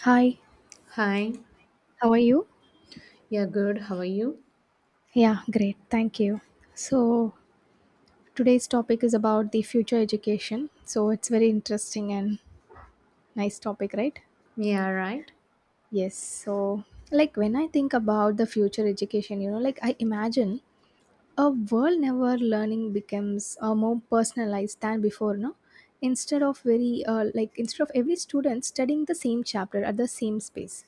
Hi, Hi, how are you? yeah, good. How are you? Yeah, great. Thank you. So, today's topic is about the future education. So, it's very interesting and nice topic, right? Yeah, right. Yes. Like when I think about the future education, like I imagine a world never learning becomes more personalized than before, no? Instead of very instead of every student studying the same chapter at the same space.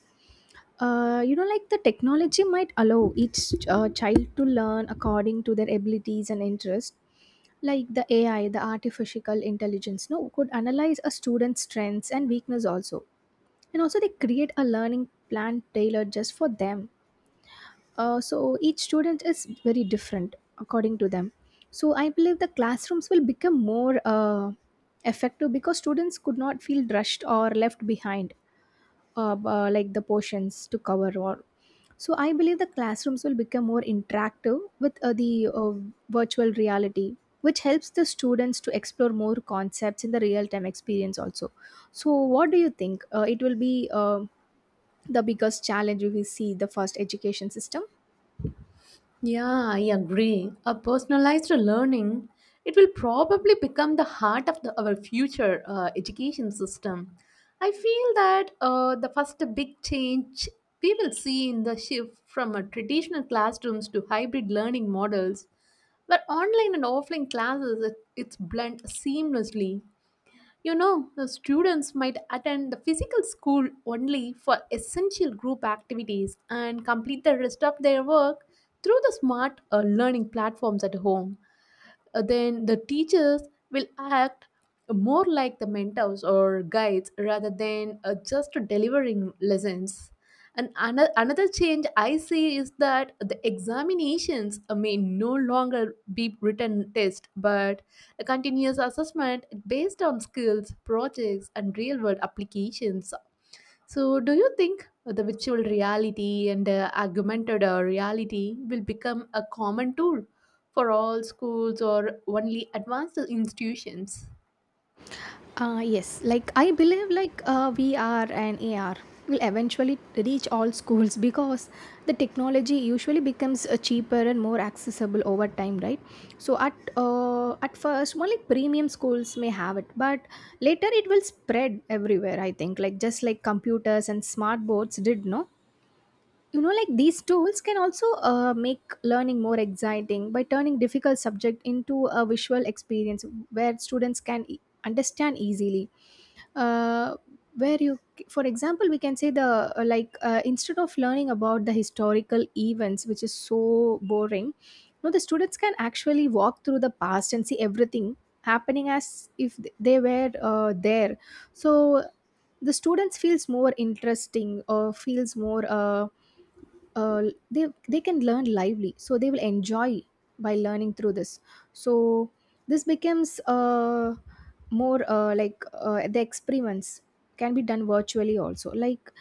Like the technology might allow each child to learn according to their abilities and interests. Like the AI, the artificial intelligence, no, could analyze a student's strengths and weakness also. And also, they create a learning plan tailored just for them. So each student is very different according to them. So I believe the classrooms will become more effective because students could not feel rushed or left behind like the portions to cover all. So I believe the classrooms will become more interactive with the virtual reality, which helps the students to explore more concepts in the real-time experience also. So what do you think? It will be the biggest challenge we see the first education system. Yeah, I agree. A personalized learning, it will probably become the heart of our future education system. I feel that the first big change we will see in the shift from traditional classrooms to hybrid learning models, where online and offline classes it, it's blend seamlessly. You know, the students might attend the physical school only for essential group activities and complete the rest of their work through the smart learning platforms at home, then the teachers will act more like the mentors or guides rather than just delivering lessons. And another change I see is that the examinations may no longer be written test, but a continuous assessment based on skills, projects, and real world applications. So, do you think the virtual reality and augmented reality will become a common tool for all schools or only advanced institutions? Yes, I believe VR and AR will eventually reach all schools because the technology usually becomes cheaper and more accessible over time, right? So at first only premium schools may have it, but later it will spread everywhere. I think like just like computers and smart boards did, no? You know, like these tools can also make learning more exciting by turning difficult subject into a visual experience where understand easily, uh, where you for example we can say the like instead of learning about the historical events which is so boring, no, the students can actually walk through the past and see everything happening as if they were there. So the students feels more interesting or feels more uh, they can learn lively, so they will enjoy by learning through this. So this becomes more like The experiments can be done virtually also, like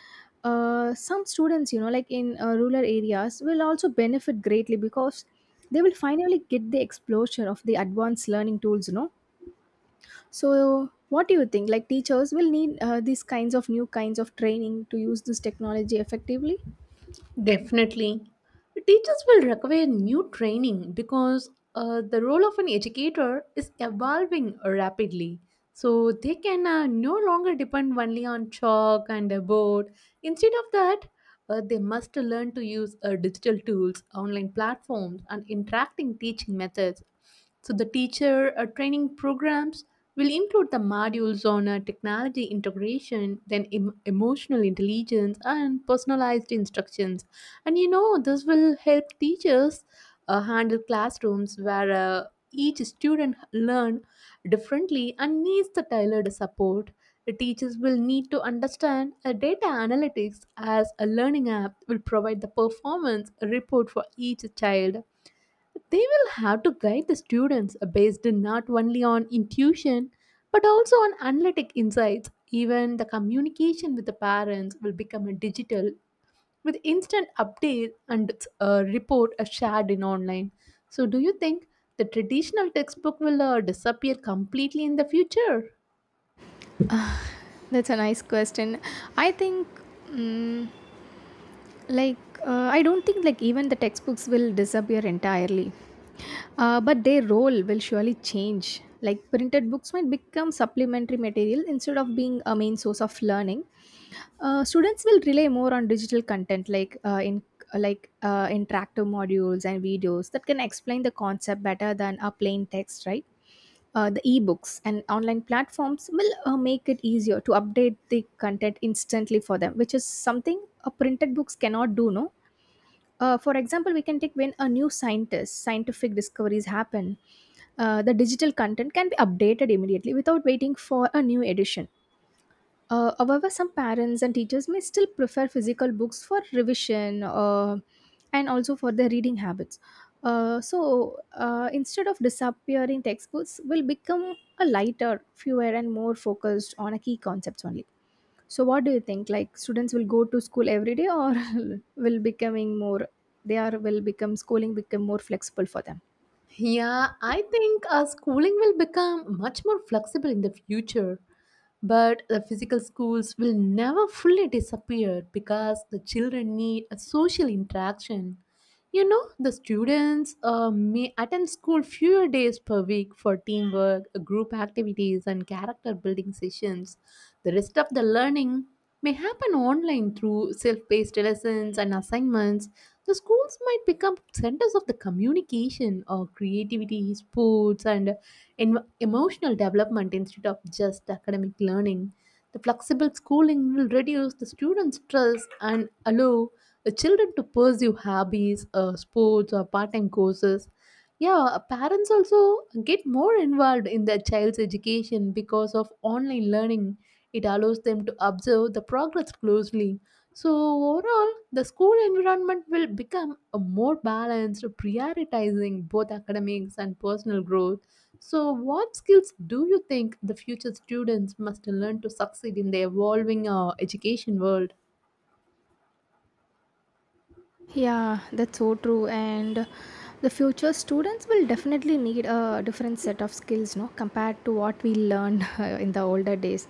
uh, some students, you know, like in rural areas will also benefit greatly because they will finally get the exposure of the advanced learning tools, you know. So what do you think, like teachers will need these kinds of new kinds of training to use this technology effectively? Definitely. Teachers will require new training because the role of an educator is evolving rapidly. So they can no longer depend only on chalk and a board. Instead of that, they must learn to use digital tools, online platforms, and interacting teaching methods. So, the teacher training programs will include the modules on technology integration, then emotional intelligence, and personalized instructions. And you know, this will help teachers handle classrooms where each student learn differently and needs the tailored support. Teachers will need to understand a data analytics as a learning app will provide the performance report for each child. They will have to guide the students based not only on intuition but also on analytic insights. Even the communication with the parents will become a digital with instant update and report are shared in online. So, do you think the traditional textbook will disappear completely in the future? That's a nice question. I think, mm like, I don't think like even the textbooks will disappear entirely, but their role will surely change. Like printed books might become supplementary material instead of being a main source of learning. Students will rely more on digital content, like interactive modules and videos that can explain the concept better than a plain text, right? The ebooks and online platforms will make it easier to update the content instantly for them, which is something printed books cannot do. No, for example, we can take when a new scientist scientific discoveries happen, the digital content can be updated immediately without waiting for a new edition. However, some parents and teachers may still prefer physical books for revision and also for their reading habits. So, instead of disappearing, textbooks will become a lighter, fewer, and more focused on a key concepts only. So, what do you think? Like, students will go to school every day, or will becoming more? They are will become schooling become more flexible for them. Yeah, I think schooling will become much more flexible in the future. But the physical schools will never fully disappear because the children need a social interaction. You know, the students may attend school fewer days per week for teamwork, group activities, and character building sessions. The rest of the learning may happen online through self paced lessons and assignments. The schools might become centers of the communication or creativity, sports, and emotional development instead of just academic learning. The flexible schooling will reduce the students' stress and allow the children to pursue hobbies, sports, or part time courses. Yeah, parents also get more involved in their child's education because of online learning. It allows them to observe the progress closely. So, overall, the school environment will become a more balanced, prioritizing both academics and personal growth. So, what skills do you think the future students must learn to succeed in the evolving education world? Yeah, that's so true. And the future students will definitely need a different set of skills, no, compared to what we learned in the older days.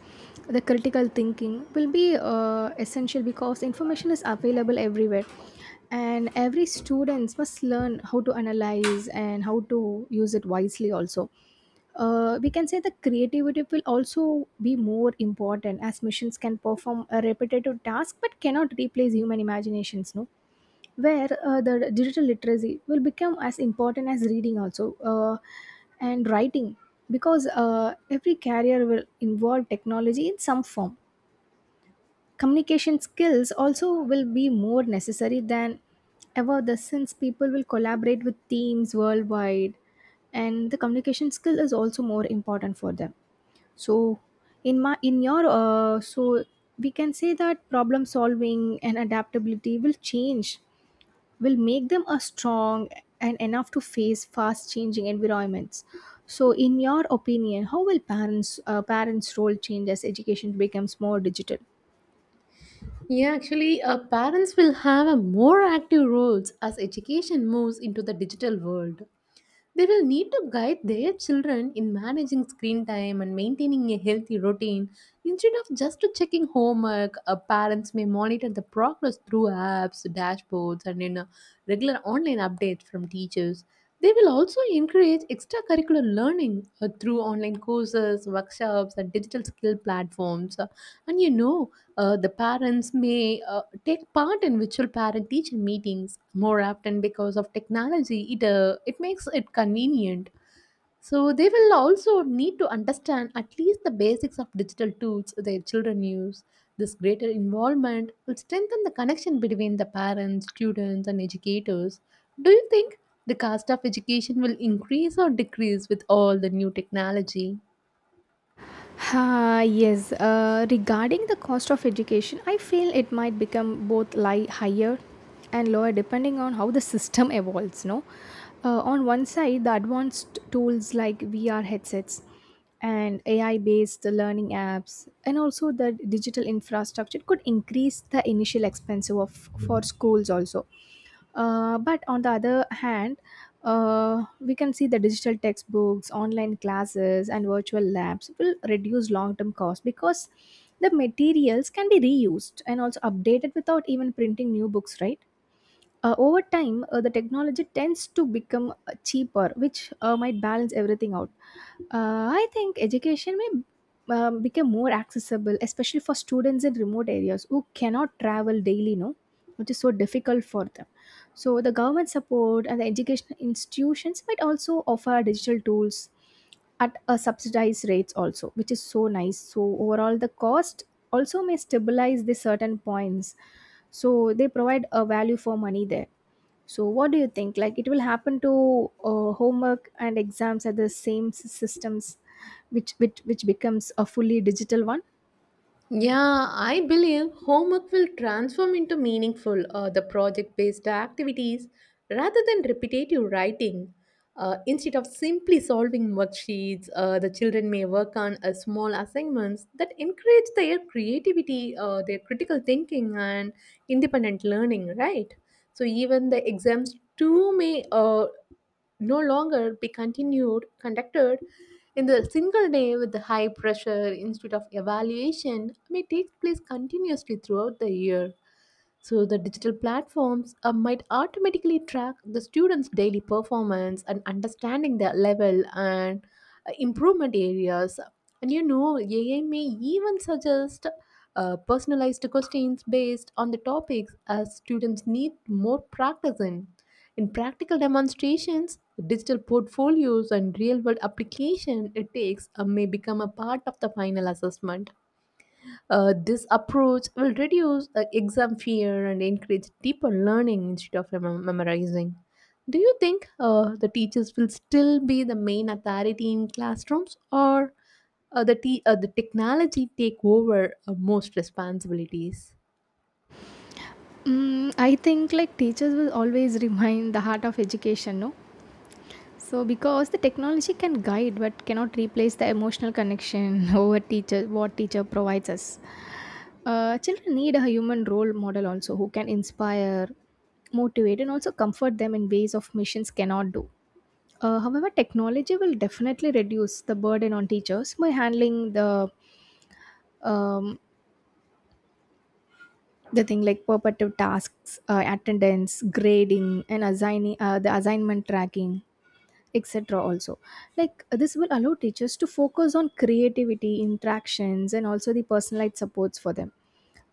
The critical thinking will be essential because information is available everywhere, and every student must learn how to analyze and how to use it wisely. Also, we can say the creativity will also be more important as machines can perform a repetitive task but cannot replace human imaginations. No, where the digital literacy will become as important as reading also and writing because every career will involve technology in some form. Communication skills also will be more necessary than ever the since people will collaborate with teams worldwide, and the communication skill is also more important for them. So in my in your uh, so we can say that problem solving and adaptability will change, will make them a strong and enough to face fast changing environments. So in your opinion, how will parents role change as education becomes more digital? Yeah, actually, parents will have a more active roles as education moves into the digital world. They will need to guide their children in managing screen time and maintaining a healthy routine. Instead of just to checking homework, parents may monitor the progress through apps, dashboards, and in regular online updates from teachers. They will also encourage extracurricular learning through online courses, workshops, and digital skill platforms. And you know, the parents may take part in virtual parent teacher meetings more often because of technology it makes it convenient, so they will also need to understand at least the basics of digital tools their children use. This greater involvement will strengthen the connection between the parents students and educators. Do you think the cost of education will increase or decrease with all the new technology? Ah yes, regarding the cost of education, I feel it might become both higher and lower depending on how the system evolves. No, on one side, the advanced tools like VR headsets and AI-based learning apps, and also the digital infrastructure could increase the initial expense of for schools also. But on the other hand, we can see the digital textbooks, online classes, and virtual labs will reduce long term costs because the materials can be reused and also updated without even printing new books, right? Over time, the technology tends to become cheaper, which might balance everything out. I think education may become more accessible, especially for students in remote areas who cannot travel daily, no? Which is so difficult for them. So the government support and the educational institutions might also offer digital tools at a subsidized rates also, which is so nice. So overall, the cost also may stabilize the certain points. So they provide a value for money there. So what do you think? Like it will happen to homework and exams at the same systems, which which becomes a fully digital one. Yeah, I believe homework will transform into meaningful the project-based activities rather than repetitive writing. Instead of simply solving worksheets, the children may work on a small assignments that encourage their creativity, their critical thinking, and independent learning. Right. So even the exams too may no longer be continued conducted in the single day with the high pressure. Instead of evaluation may take place continuously throughout the year. So the digital platforms might automatically track the students' daily performance and understanding their level and improvement areas. And you know, AI may even suggest personalized questions based on the topics as students need more practice in. In practical demonstrations, digital portfolios and real world application it takes may become a part of the final assessment. This approach will reduce exam fear and encourage deeper learning instead of memorizing. Do you think the teachers will still be the main authority in classrooms or the technology take over most responsibilities? Mm, I think like teachers will always remain the heart of education, no? So, because the technology can guide but cannot replace the emotional connection over teacher, what teacher provides us. Children need a human role model also who can inspire, motivate, and also comfort them in ways of machines cannot do. However, technology will definitely reduce the burden on teachers by handling the um, the thing like perpetual tasks, attendance, grading, and assigning the assignment tracking etc also. This will allow teachers to focus on creativity interactions and also the personalized supports for them.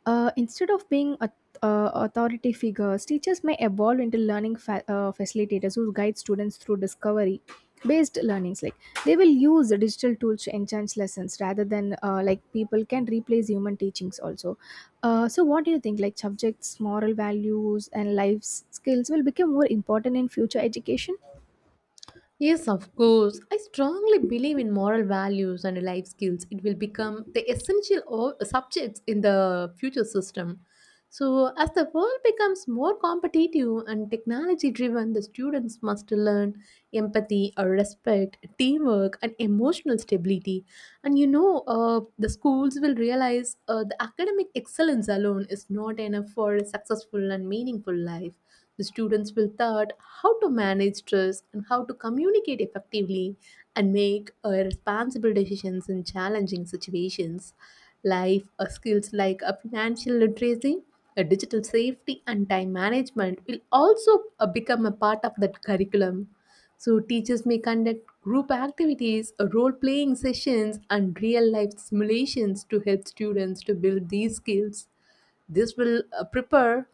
Instead of being authority figures, teachers may evolve into facilitators who guide students through discovery based learnings. Like they will use the digital tools to enhance lessons rather than people can replace human teachings also. So what do you think, like subjects moral values and life skills will become more important in future education? Yes, of course. I strongly believe in moral values and life skills. It will become the essential subjects in the future system. So, as the world becomes more competitive and technology driven, the students must learn empathy, respect, teamwork, and emotional stability. And you know, the schools will realize the academic excellence alone is not enough for a successful and meaningful life. The students will learn how to manage stress and how to communicate effectively and make responsible decisions in challenging situations. Life skills like financial literacy, digital safety, and time management will also become a part of that curriculum. So, teachers may conduct group activities, role playing sessions, and real life simulations to help students to build these skills. This will uh, prepare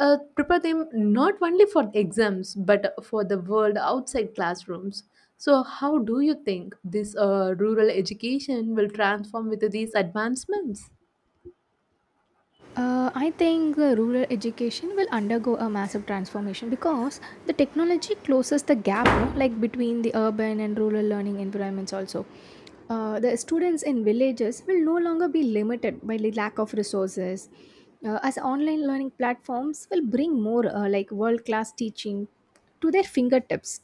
uh, prepare them not only for exams but for the world outside classrooms. So, how do you think this rural education will transform with these advancements? I think rural education will undergo a massive transformation because the technology closes the gap, no, like between the urban and rural learning environments also. The students in villages will no longer be limited by the lack of resources as online learning platforms will bring more world class teaching to their fingertips.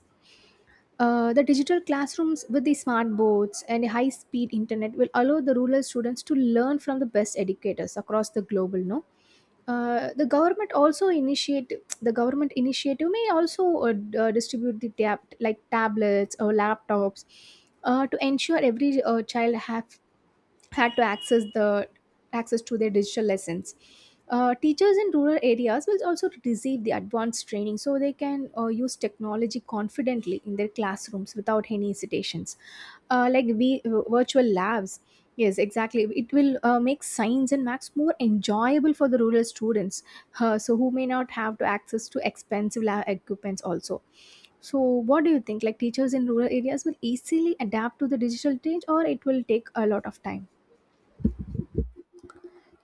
The digital classrooms with the smart boards and high speed internet will allow the rural students to learn from the best educators across the global, no. uh, the government also initiate the government initiative may also distribute the tab- like tablets or laptops to ensure every child have had to access to their digital lessons. Teachers in rural areas will also receive the advanced training so they can use technology confidently in their classrooms without any hesitations. Virtual labs, yes, exactly. It will make science and maths more enjoyable for the rural students, so who may not have to access to expensive lab equipments also. So, what do you think? Like teachers in rural areas will easily adapt to the digital change, or it will take a lot of time?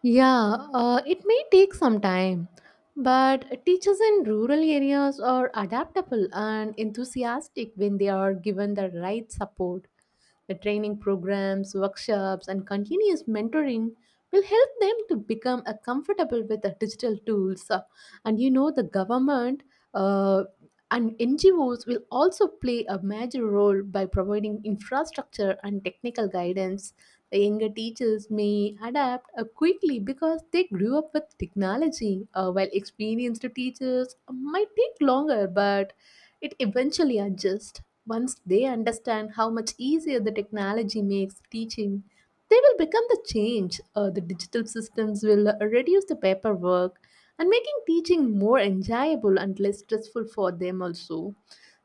Yeah, it may take some time, but teachers in rural areas are adaptable and enthusiastic when they are given the right support. The training programs, workshops, and continuous mentoring will help them to become comfortable with the digital tools. And you know, the government uh, and NGOs will also play a major role by providing infrastructure and technical guidance. Younger teachers may adapt quickly because they grew up with technology, while experienced teachers might take longer, but it eventually adjusts. Once they understand how much easier the technology makes teaching, they will become the change. The digital systems will reduce the paperwork and making teaching more enjoyable and less stressful for them also.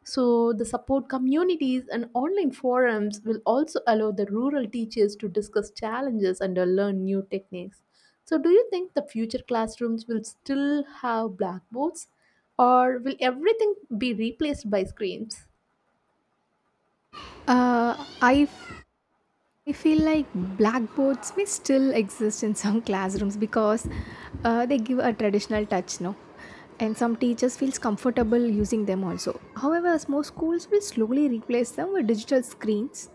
So, the support communities and online forums will also allow the rural teachers to discuss challenges and learn new techniques. So, do you think the future classrooms will still have blackboards or will everything be replaced by screens? Uh, I, f- I feel like blackboards may still exist in some classrooms because they give a traditional touch, no? And some teachers feels comfortable using them also. However, as more schools will slowly replace them with digital screens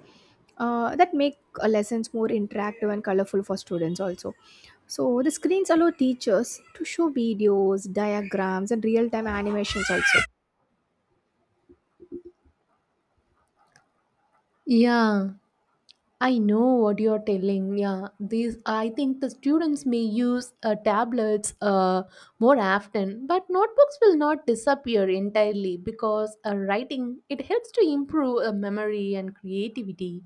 that make lessons more interactive and colorful for students also. So the screens allow teachers to show videos, diagrams, and real-time animations also. Yeah, I know what you're telling. Yeah, these I think the students may use tablets more often, but notebooks will not disappear entirely because writing it helps to improve memory and creativity.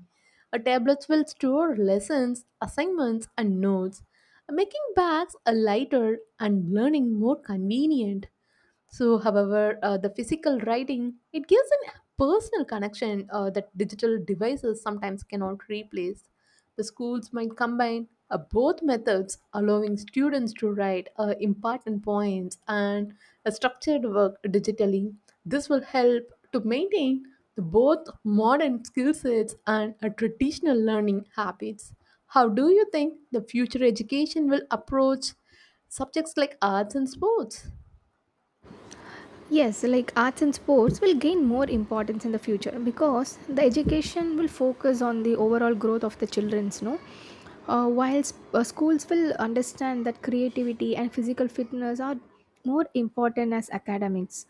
Tablets will store lessons, assignments, and notes, making bags lighter and learning more convenient. So, however, the physical writing it gives a personal connection that digital devices sometimes cannot replace. The schools might combine both methods, allowing students to write important points and a structured work digitally. This will help to maintain the both modern skill sets and traditional learning habits. How do you think the future education will approach subjects like arts and sports? Yes, like arts and sports will gain more importance in the future because the education will focus on the overall growth of the children's, no. Schools will understand that creativity and physical fitness are more important as academics,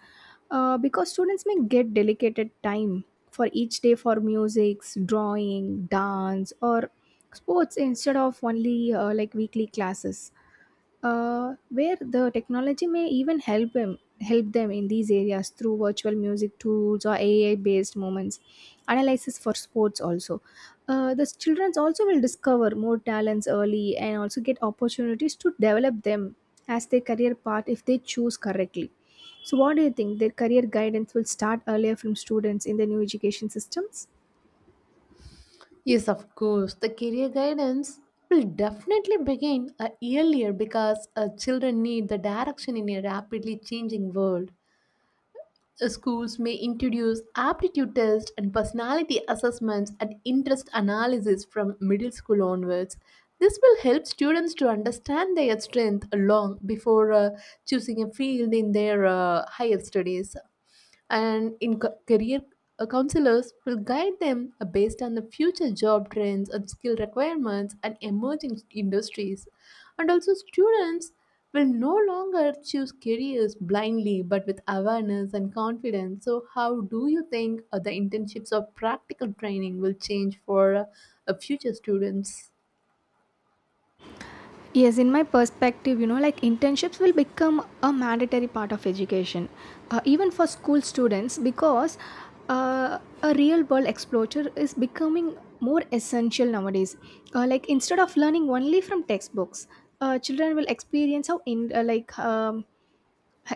because students may get dedicated time for each day for music, drawing, dance, or sports instead of only weekly classes, where the technology may even help them in these areas through virtual music tools or AI based moments analysis for sports also. The children also will discover more talents early and also get opportunities to develop them as their career path if they choose correctly. So what do you think, their career guidance will start earlier from students in the new education systems? Yes, of course. The career guidance will definitely begin earlier because children need the direction in a rapidly changing world. Schools may introduce aptitude tests and personality assessments and interest analysis from middle school onwards. This will help students to understand their strength long before choosing a field in their higher studies and in career counselors will guide them based on the future job trends and skill requirements and emerging industries. And also, students will no longer choose careers blindly but with awareness and confidence. So, how do you think the internships or practical training will change for future students? Yes, in my perspective, like internships will become a mandatory part of education, even for school students, because a real world exposure is becoming more essential nowadays. Instead of learning only from textbooks, children will experience how in like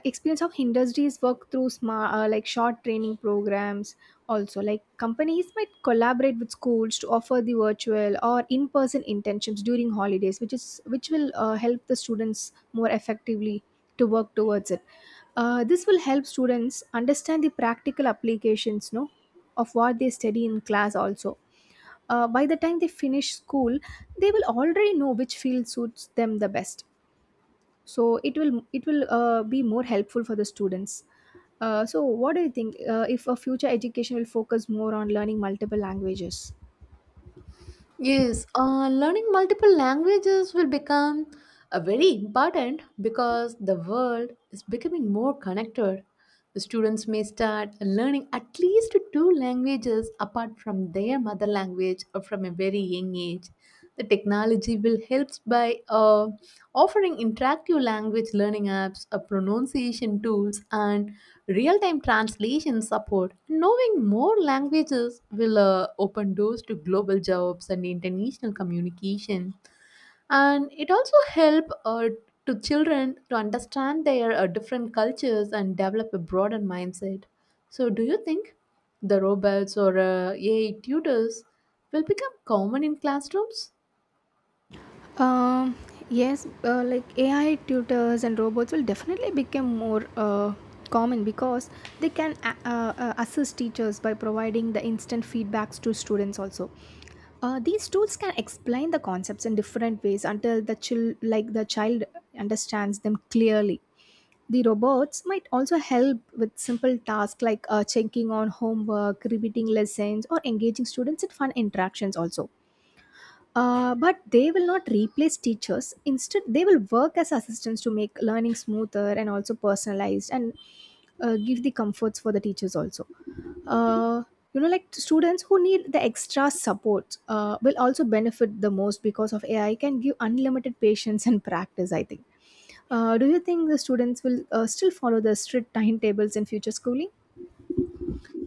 experience of industries work through smart short training programs. Also, like, companies might collaborate with schools to offer the virtual or in person internships during holidays, which will help the students more effectively to work towards it. This will help students understand the practical applications, no, of what they study in class also. By the time they finish school they will already know which field suits them the best, so it will be more helpful for the students. So what do you think, if a future education will focus more on learning multiple languages? Yes, learning multiple languages will become a very important because the world is becoming more connected. The students may start learning at least two languages apart from their mother language or from a very young age. The technology will help by offering interactive language learning apps, pronunciation tools, and real time translation support. Knowing more languages will open doors to global jobs and international communication. And it also help to children to understand their different cultures and develop a broader mindset. So, do you think the robots or AI tutors will become common in classrooms? um, yes, like AI tutors and robots will definitely become more common, because they can assist teachers by providing the instant feedbacks to students also. These tools can explain the concepts in different ways until the child understands them clearly. The robots might also help with simple tasks like checking on homework, repeating lessons, or engaging students in fun interactions also. But they will not replace teachers. Instead, they will work as assistants to make learning smoother and also personalized, and give the comforts for the teachers also. Uh, you know, like students who need the extra support will also benefit the most, because of AI can give unlimited patience and practice, I think. Do you think the students will still follow the strict timetables in future schooling?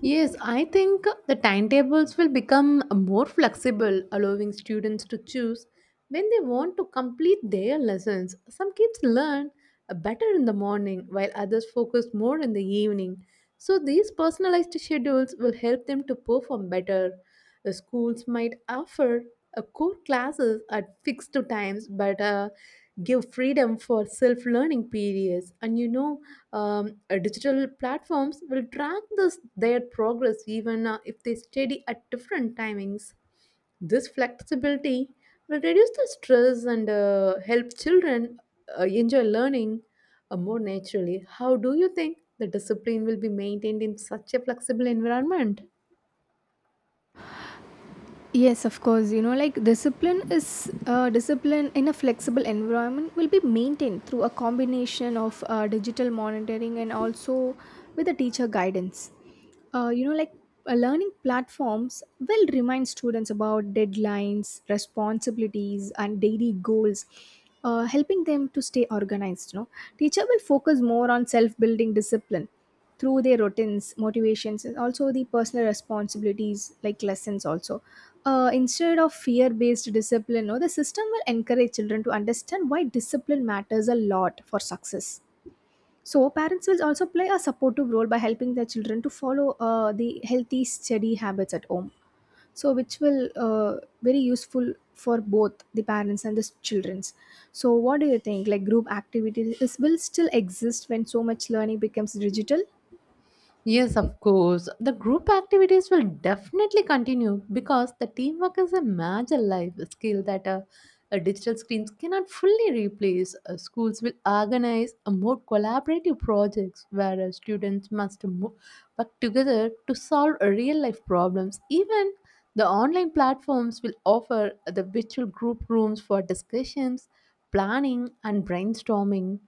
Yes, I think the timetables will become more flexible, allowing students to choose when they want to complete their lessons. Some kids learn better in the morning while others focus more in the evening. So, these personalized schedules will help them to perform better. The Schools might offer core classes at fixed times, but give freedom for self learning periods. Digital platforms will track this, their progress even if they study at different timings. This flexibility will reduce the stress and help children enjoy learning more naturally. How do you think the discipline will be maintained in such a flexible environment? Yes, of course. You know, like discipline in a flexible environment will be maintained through a combination of digital monitoring and also with the teacher guidance. You know, like learning platforms will remind students about deadlines, responsibilities, and daily goals, helping them to stay organized. You know, teacher will focus more on self-building discipline through their routines, motivations, and also the personal responsibilities like lessons also. Instead of fear based discipline, no, the system will encourage children to understand why discipline matters a lot for success. So parents will also play a supportive role by helping their children to follow the healthy steady habits at home, so which will very useful for both the parents and the children's. So what do you think, like, group activities is, will still exist when so much learning becomes digital? Yes, of course. The group activities will definitely continue because the teamwork is a major life skill that digital screens cannot fully replace. Schools will organize a more collaborative projects where students work together to solve real life problems. Even the online platforms will offer the virtual group rooms for discussions, planning, and brainstorming.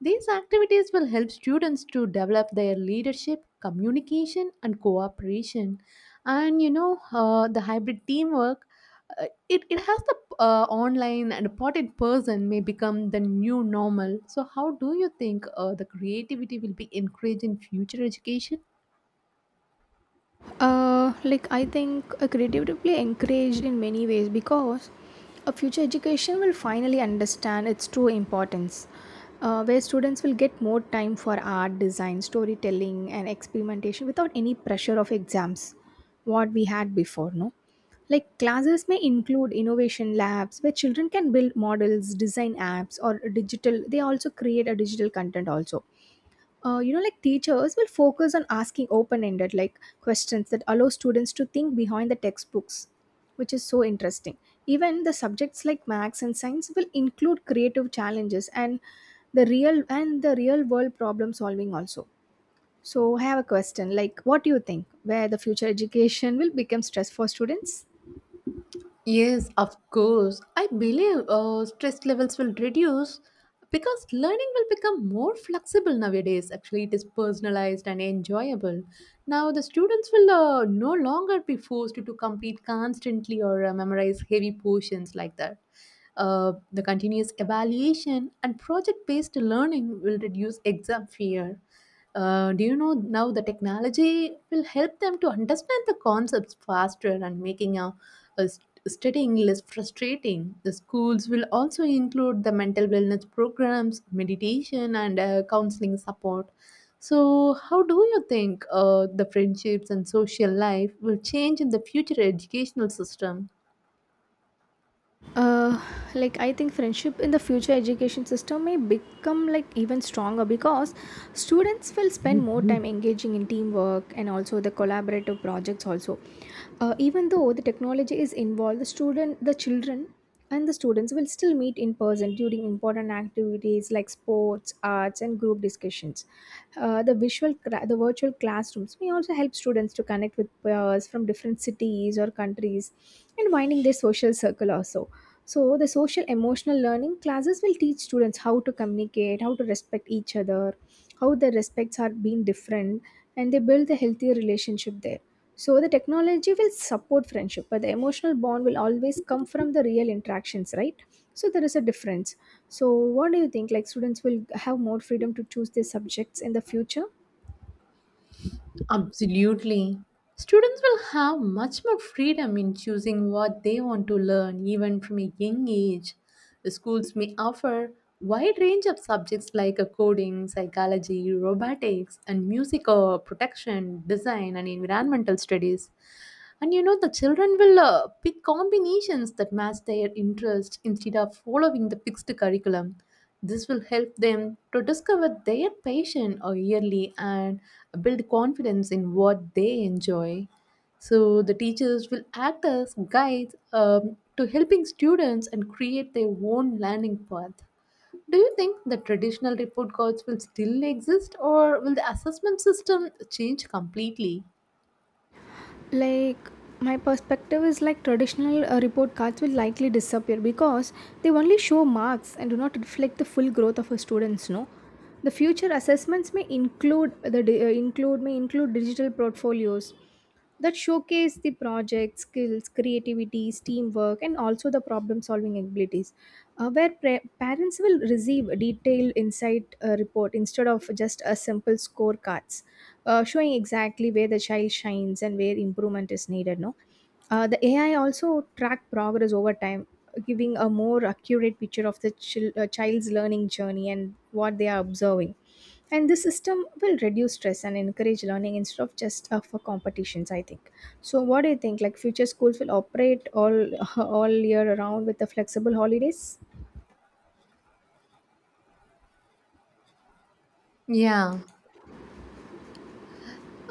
These activities will help students to develop their leadership, communication, and cooperation. The hybrid teamwork, it has the online and important person may become the new normal. So, how do you think the creativity will be encouraged in future education? I think a creativity will be encouraged in many ways, because a future education will finally understand its true importance, where students will get more time for art, design, storytelling, and experimentation without any pressure of exams, what we had before, no? Like classes may include innovation labs where children can build models, design apps, or digital. They also create a digital content also. You know, like teachers will focus on asking open-ended like questions that allow students to think behind the textbooks, which is so interesting. Even the subjects like maths and science will include creative challenges and the real world problem solving also. So I have a question, like, what do you think, where the future education will become stress for students? Yes, of course. I believe stress levels will reduce because learning will become more flexible nowadays. Actually, it is personalized and enjoyable. Now, the students will no longer be forced to complete constantly or memorize heavy portions like that. The continuous evaluation and project based learning will reduce exam fear. Do you know now the technology will help them to understand the concepts faster and making a studying less frustrating. The schools will also include the mental wellness programs, meditation, and counseling support. So, how do you think the friendships and social life will change in the future educational system? uh, I think friendship in the future education system may become like even stronger, because students will spend more time engaging in teamwork and also the collaborative projects also. Even though the technology is involved, the children and the students will still meet in person during important activities like sports, arts, and group discussions. The virtual classrooms may also help students to connect with peers from different cities or countries, and winding their social circle also. So, the social emotional learning classes will teach students how to communicate, how to respect each other, how their respects are being different, and they build a healthier relationship there. So, the technology will support friendship, but the emotional bond will always come from the real interactions, right? So, there is a difference. So, what do you think? Like, students will have more freedom to choose their subjects in the future? Absolutely. Students will have much more freedom in choosing what they want to learn, even from a young age. The schools may offer wide range of subjects like coding, psychology, robotics, and music or protection, design, and environmental studies. The children will pick combinations that match their interest instead of following the fixed curriculum. This will help them to discover their passion early and build confidence in what they enjoy. So, the teachers will act as guides to helping students and create their own learning path. Do you think the traditional report cards will still exist or will the assessment system change completely? Like my perspective is, like, traditional report cards will likely disappear, because they only show marks and do not reflect the full growth of a students, no. The future assessments may include may include digital portfolios that showcase the project skills, creativities, teamwork, and also the problem solving abilities, where parents will receive a detailed insight report instead of just a simple scorecards, showing exactly where the child shines and where improvement is needed, no. The AI also track progress over time, giving a more accurate picture of the child's learning journey and what they are observing, and this system will reduce stress and encourage learning instead of just for competitions, I think. So what do you think, like, future schools will operate all all year around with the flexible holidays? Yeah.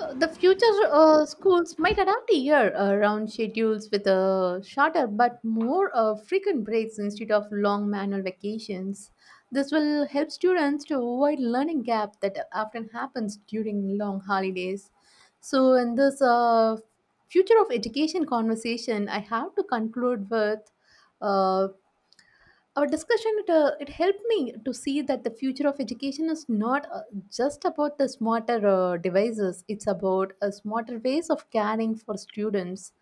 The future schools might adapt a year round schedules with shorter but more frequent breaks instead of long manual vacations. This will help students to avoid learning gap that often happens during long holidays. So, in this future of education conversation, I have to conclude with. Uh, our discussion it helped me to see that the future of education is not just about the smarter devices. It's about a smarter ways of caring for students,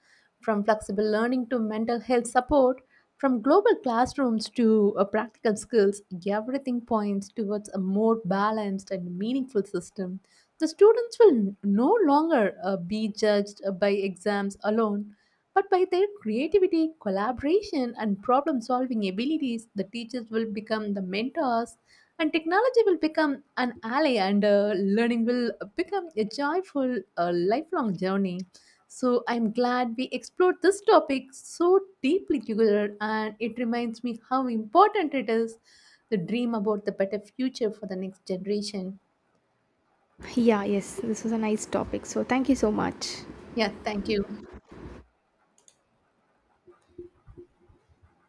from flexible learning to mental health support, from global classrooms to practical skills. Everything points towards a more balanced and meaningful system. The students will no longer be judged by exams alone, but by their creativity, collaboration, and problem solving abilities. The teachers will become the mentors, and technology will become an ally, and learning will become a joyful, lifelong journey. So, I'm glad we explored this topic so deeply together, and it reminds me how important it is to dream about the better future for the next generation. Yeah, yes, this was a nice topic, so thank you so much. Yeah, thank you.